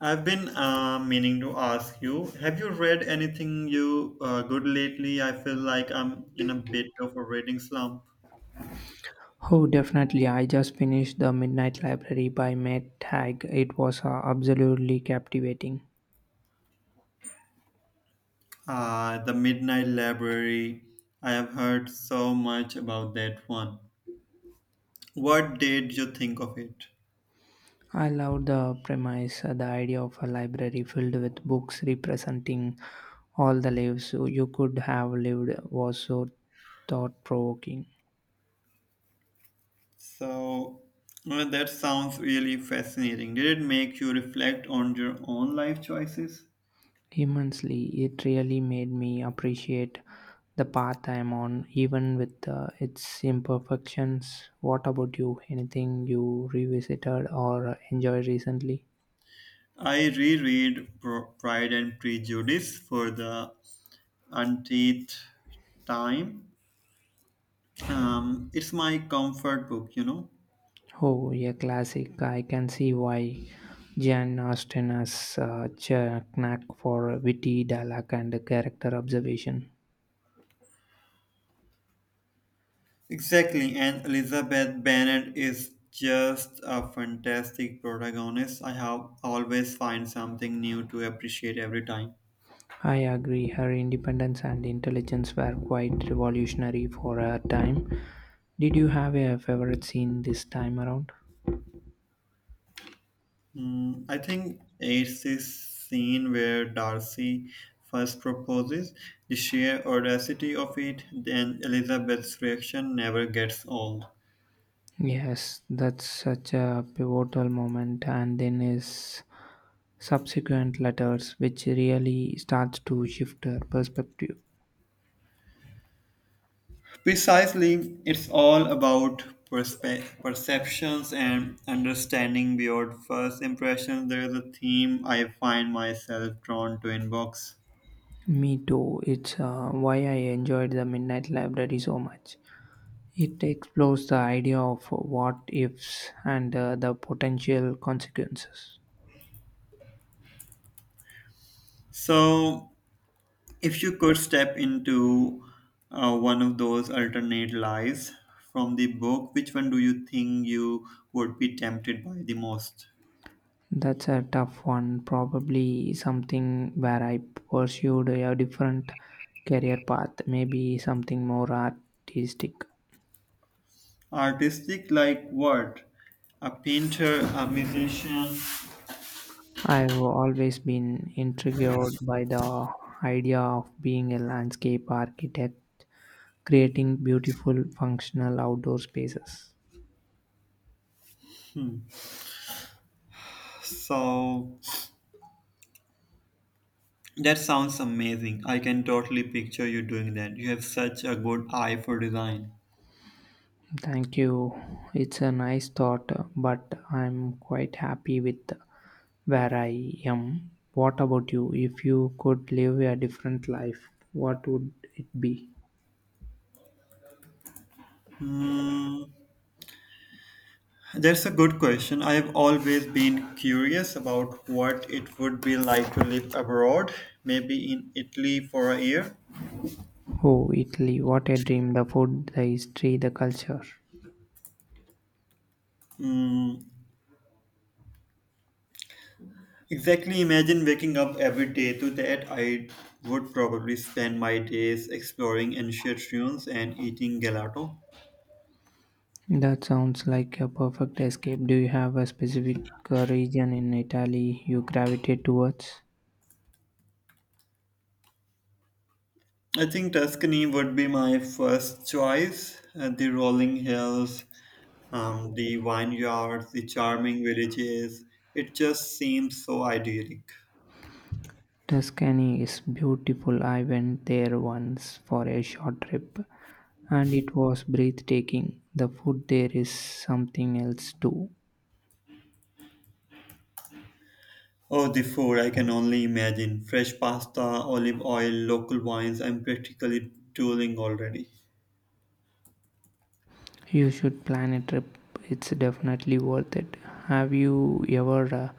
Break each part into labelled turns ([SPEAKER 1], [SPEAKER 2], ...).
[SPEAKER 1] I've been meaning to ask you, have you read anything you good lately? I feel like I'm in a bit of a reading slump.
[SPEAKER 2] Oh, definitely. I just finished The Midnight Library by Matt Haig. It was absolutely captivating.
[SPEAKER 1] The Midnight Library. I have heard so much about that one. What did you think of it?
[SPEAKER 2] I loved the premise, the idea of a library filled with books representing all the lives you could have lived was so thought provoking.
[SPEAKER 1] So, well, that sounds really fascinating. Did it make you reflect on your own life choices?
[SPEAKER 2] Immensely, it really made me appreciate the path I am on, even with its imperfections. What about you? Anything you revisited or enjoyed recently?
[SPEAKER 1] I reread Pride and Prejudice for the umpteenth time. It's my comfort book, you know.
[SPEAKER 2] Oh, yeah, classic. I can see why Jan Austen has such a knack for witty dialogue and character observation.
[SPEAKER 1] Exactly, and Elizabeth Bennet is just a fantastic protagonist. I have always find something new to appreciate every time.
[SPEAKER 2] I agree, her independence and intelligence were quite revolutionary for her time. Did you have a favorite scene this time around?
[SPEAKER 1] Hmm, I think it's this scene where Darcy first proposes. The sheer audacity of it, then Elizabeth's reaction never gets old.
[SPEAKER 2] Yes, that's such a pivotal moment, and then his subsequent letters, which really starts to shift her perspective.
[SPEAKER 1] Precisely, it's all about perceptions and understanding beyond first impressions. There is a theme I find myself drawn to in books.
[SPEAKER 2] Me too. It's why I enjoyed the Midnight Library so much. It explores the idea of what ifs and the potential consequences.
[SPEAKER 1] So, if you could step into one of those alternate lives from the book, which one do you think you would be tempted by the most?
[SPEAKER 2] That's a tough one, probably something where I pursued a different career path, maybe something more artistic.
[SPEAKER 1] Artistic, like what? A painter, a musician.
[SPEAKER 2] I've always been intrigued by the idea of being a landscape architect, creating beautiful, functional outdoor spaces.
[SPEAKER 1] So. That sounds amazing. I can totally picture you doing that. You have such a good eye for design.
[SPEAKER 2] Thank you. It's a nice thought, but I'm quite happy with where I am. What about you? If you could live a different life, what would it be?
[SPEAKER 1] Hmm, that's a good question. I have always been curious about what it would be like to live abroad, maybe in Italy for a year.
[SPEAKER 2] Oh, Italy, what a dream! The food, the history, the culture.
[SPEAKER 1] Hmm, exactly. Imagine waking up every day to that. I would probably spend my days exploring ancient ruins and eating gelato.
[SPEAKER 2] That sounds like a perfect escape. Do you have a specific region in Italy you gravitate towards?
[SPEAKER 1] I think Tuscany would be my first choice. The rolling hills, the vineyards, the charming villages. It just seems so idyllic.
[SPEAKER 2] Tuscany is beautiful. I went there once for a short trip and it was breathtaking. The food there is something else too.
[SPEAKER 1] Oh, the food I can only imagine. Fresh pasta, olive oil, local wines. I'm practically drooling already.
[SPEAKER 2] You should plan a trip, it's definitely worth it. Have you ever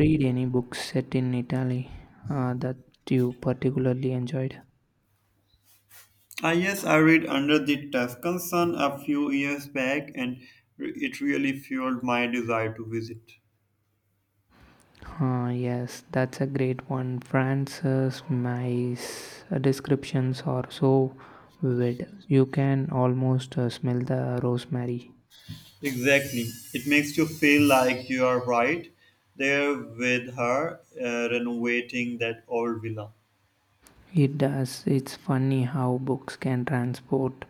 [SPEAKER 2] read any books set in Italy that you particularly enjoyed?
[SPEAKER 1] Ah, yes, I read Under the Tuscan Sun a few years back and it really fueled my desire to visit.
[SPEAKER 2] Yes, that's a great one. Francis May's descriptions are so vivid. You can almost smell the rosemary.
[SPEAKER 1] Exactly. It makes you feel like you are right there with her renovating that old villa.
[SPEAKER 2] It does. It's funny how books can transport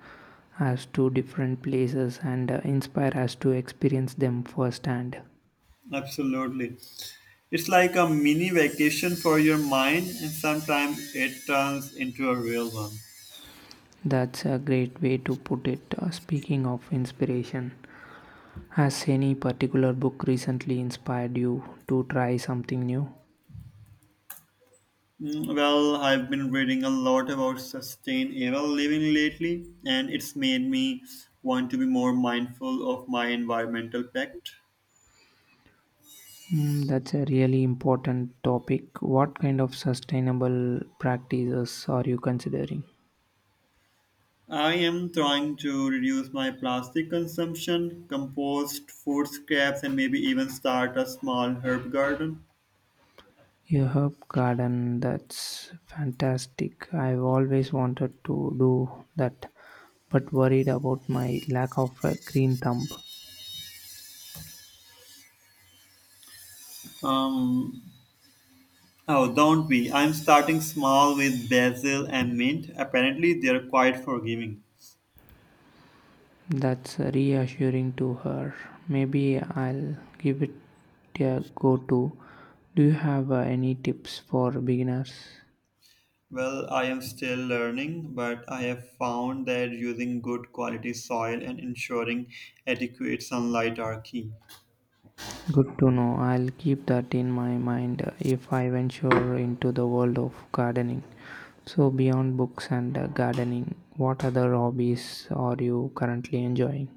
[SPEAKER 2] us to different places and inspire us to experience them firsthand.
[SPEAKER 1] Absolutely. It's like a mini vacation for your mind, and sometimes it turns into a real one.
[SPEAKER 2] That's a great way to put it. Speaking of inspiration, has any particular book recently inspired you to try something new?
[SPEAKER 1] Mm, well, I've been reading a lot about sustainable living lately, and it's made me want to be more mindful of my environmental pact.
[SPEAKER 2] Mm, that's a really important topic. What kind of sustainable practices are you considering?
[SPEAKER 1] I am trying to reduce my plastic consumption, compost, food scraps, and maybe even start a small herb garden.
[SPEAKER 2] Your herb garden, that's fantastic. I've always wanted to do that, but worried about my lack of a green thumb.
[SPEAKER 1] Um, oh, don't we? I'm starting small with basil and mint. Apparently, they're quite forgiving.
[SPEAKER 2] That's reassuring to her. Maybe I'll give it a go too. Do you have any tips for beginners?
[SPEAKER 1] Well, I am still learning, but I have found that using good quality soil and ensuring adequate sunlight are key.
[SPEAKER 2] Good to know. I'll keep that in my mind if I venture into the world of gardening. So, beyond books and gardening, what other hobbies are you currently enjoying?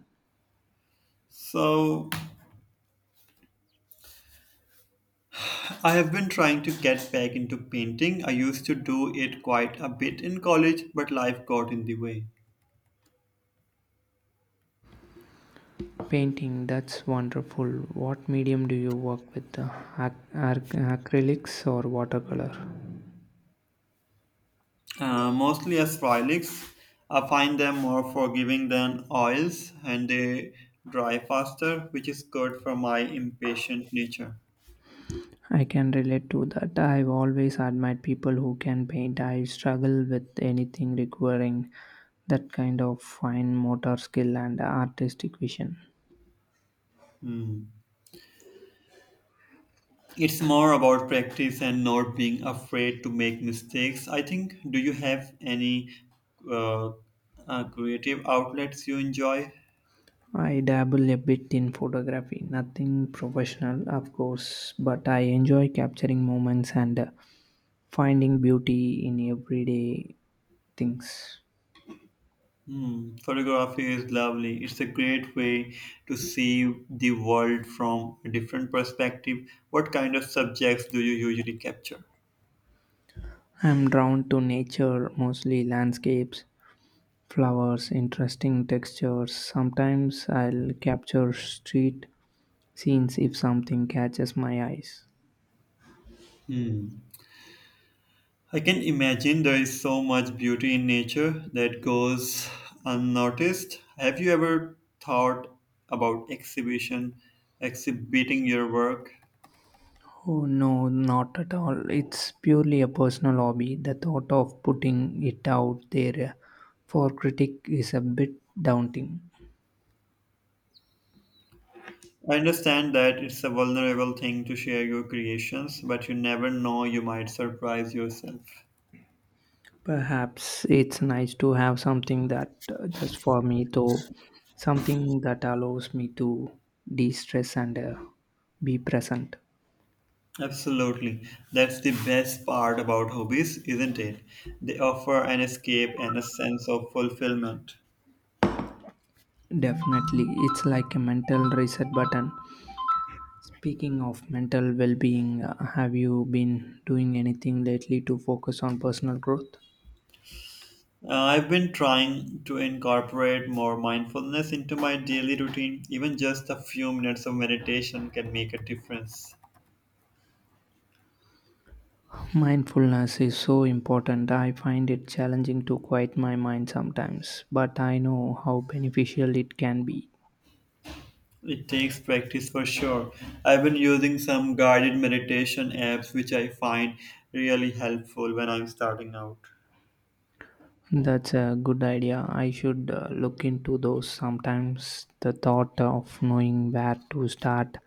[SPEAKER 1] So, I have been trying to get back into painting. I used to do it quite a bit in college, but life got in the way.
[SPEAKER 2] Painting, that's wonderful. What medium do you work with? Acrylics or watercolor?
[SPEAKER 1] Mostly as acrylics. I find them more forgiving than oils and they dry faster, which is good for my impatient nature.
[SPEAKER 2] I can relate to that. I've always admired people who can paint. I struggle with anything requiring that kind of fine motor skill and artistic vision.
[SPEAKER 1] Hmm. It's more about practice and not being afraid to make mistakes. I think, do you have any uh, creative outlets you enjoy?
[SPEAKER 2] I dabble a bit in photography, nothing professional, of course, but I enjoy capturing moments and finding beauty in everyday things.
[SPEAKER 1] Hmm, photography is lovely. It's a great way to see the world from a different perspective. What kind of subjects do you usually capture?
[SPEAKER 2] I'm drawn to nature, mostly landscapes, flowers, interesting textures. Sometimes I'll capture street scenes if something catches my eyes.
[SPEAKER 1] Hmm. I can imagine there is so much beauty in nature that goes unnoticed. Have you ever thought about exhibiting your work?
[SPEAKER 2] Oh no, not at all. It's purely a personal hobby. The thought of putting it out there for critic is a bit daunting.
[SPEAKER 1] I understand that it's a vulnerable thing to share your creations, but you never know, you might surprise yourself.
[SPEAKER 2] Perhaps it's nice to have something that just for me though, something that allows me to de-stress and be present.
[SPEAKER 1] Absolutely. That's the best part about hobbies, isn't it? They offer an escape and a sense of fulfillment.
[SPEAKER 2] Definitely, it's like a mental reset button. Speaking of mental well-being, have you been doing anything lately to focus on personal growth?
[SPEAKER 1] I've been trying to incorporate more mindfulness into my daily routine. Even just a few minutes of meditation can make a difference.
[SPEAKER 2] Mindfulness is so important. I find it challenging to quiet my mind sometimes, but I know how beneficial it can be.
[SPEAKER 1] It takes practice for sure. I've been using some guided meditation apps, which I find really helpful when I'm starting out.
[SPEAKER 2] That's a good idea. I should look into those. Sometimes the thought of knowing where to start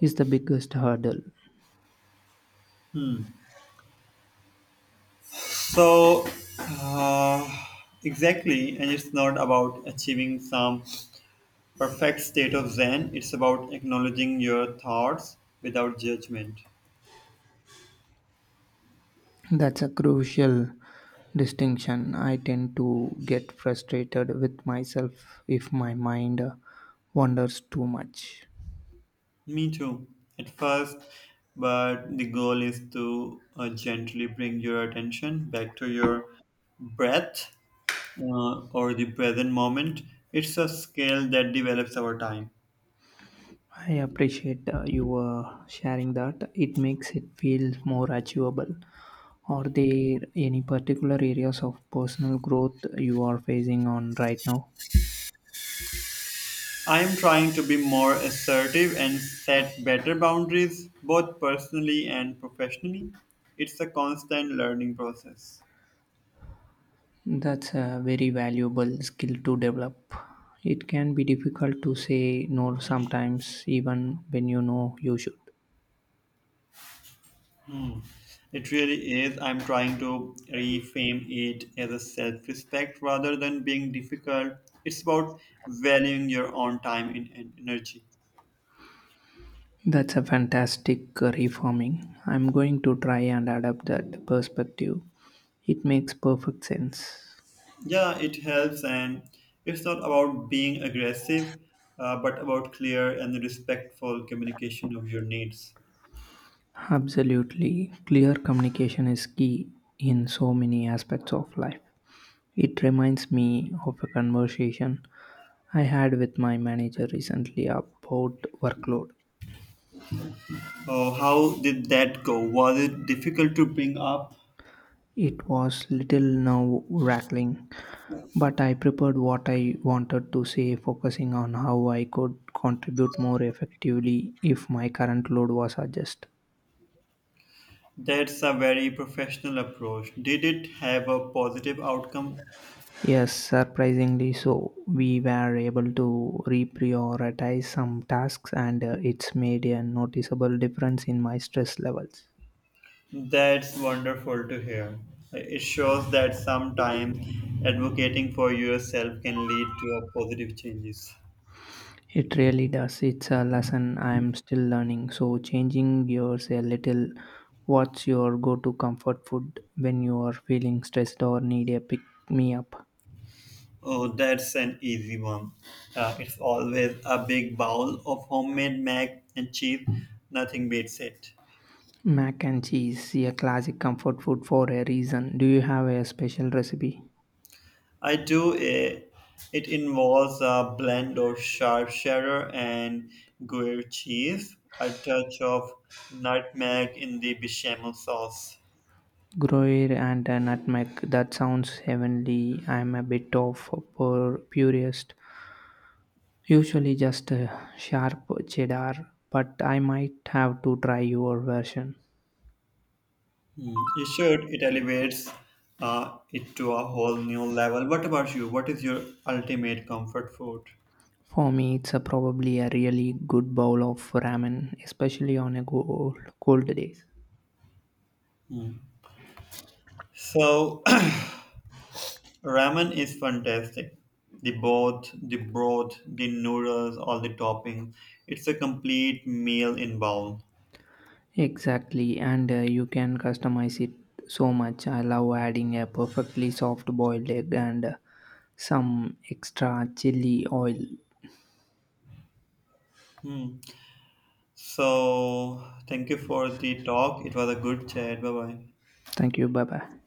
[SPEAKER 2] is the biggest hurdle.
[SPEAKER 1] So, uh, exactly, and it's not about achieving some perfect state of Zen, it's about acknowledging your thoughts without judgment.
[SPEAKER 2] That's a crucial distinction. I tend to get frustrated with myself if my mind wanders too much.
[SPEAKER 1] Me too, at first, but the goal is to gently bring your attention back to your breath or the present moment. It's a skill that develops over time.
[SPEAKER 2] I appreciate you sharing that. It makes it feel more achievable. Are there any particular areas of personal growth you are facing on right now?
[SPEAKER 1] I am trying to be more assertive and set better boundaries, both personally and professionally. It's a constant learning process.
[SPEAKER 2] That's a very valuable skill to develop. It can be difficult to say no sometimes, even when you know you should.
[SPEAKER 1] It really is. I'm trying to reframe it as a self respect rather than being difficult. It's about valuing your own time and energy.
[SPEAKER 2] That's a fantastic reforming. I'm going to try and adapt that perspective. It makes perfect sense.
[SPEAKER 1] Yeah, it helps, and it's not about being aggressive, but about clear and respectful communication of your needs.
[SPEAKER 2] Absolutely. Clear communication is key in so many aspects of life. It reminds me of a conversation I had with my manager recently about workload.
[SPEAKER 1] Oh, how did that go? Was it difficult to bring up?
[SPEAKER 2] It was little now wracking, but I prepared what I wanted to say, focusing on how I could contribute more effectively if my current load was adjusted.
[SPEAKER 1] That's a very professional approach. Did it have a positive outcome?
[SPEAKER 2] Yes, surprisingly so. We were able to reprioritize some tasks and it's made a noticeable difference in my stress levels.
[SPEAKER 1] That's wonderful to hear. It shows that sometimes advocating for yourself can lead to a positive changes.
[SPEAKER 2] It really does. It's a lesson I'm still learning. So, changing gears a little, what's your go to comfort food when you are feeling stressed or need a pick me up?
[SPEAKER 1] Oh, that's an easy one. It's always a big bowl of homemade mac and cheese. Nothing beats it.
[SPEAKER 2] Mac and cheese, a classic comfort food for a reason. Do you have a special recipe?
[SPEAKER 1] I do. It involves a blend of sharp cheddar and gruyere cheese, a touch of nutmeg in the bechamel sauce.
[SPEAKER 2] Gruyere and a nutmeg. That sounds heavenly. I'm a bit of a purist. Usually just a sharp cheddar, but I might have to try your version.
[SPEAKER 1] You should. It elevates it to a whole new level. What about you? What is your ultimate comfort food?
[SPEAKER 2] For me, it's a probably a really good bowl of ramen, especially on a cold, cold day.
[SPEAKER 1] So, ramen is fantastic. The broth, the noodles, all the toppings. It's a complete meal in bowl.
[SPEAKER 2] Exactly, and you can customize it so much. I love adding a perfectly soft boiled egg and some extra chili oil.
[SPEAKER 1] Hmm. So, thank you for the talk. It was a good chat. Bye bye.
[SPEAKER 2] Thank you. Bye bye.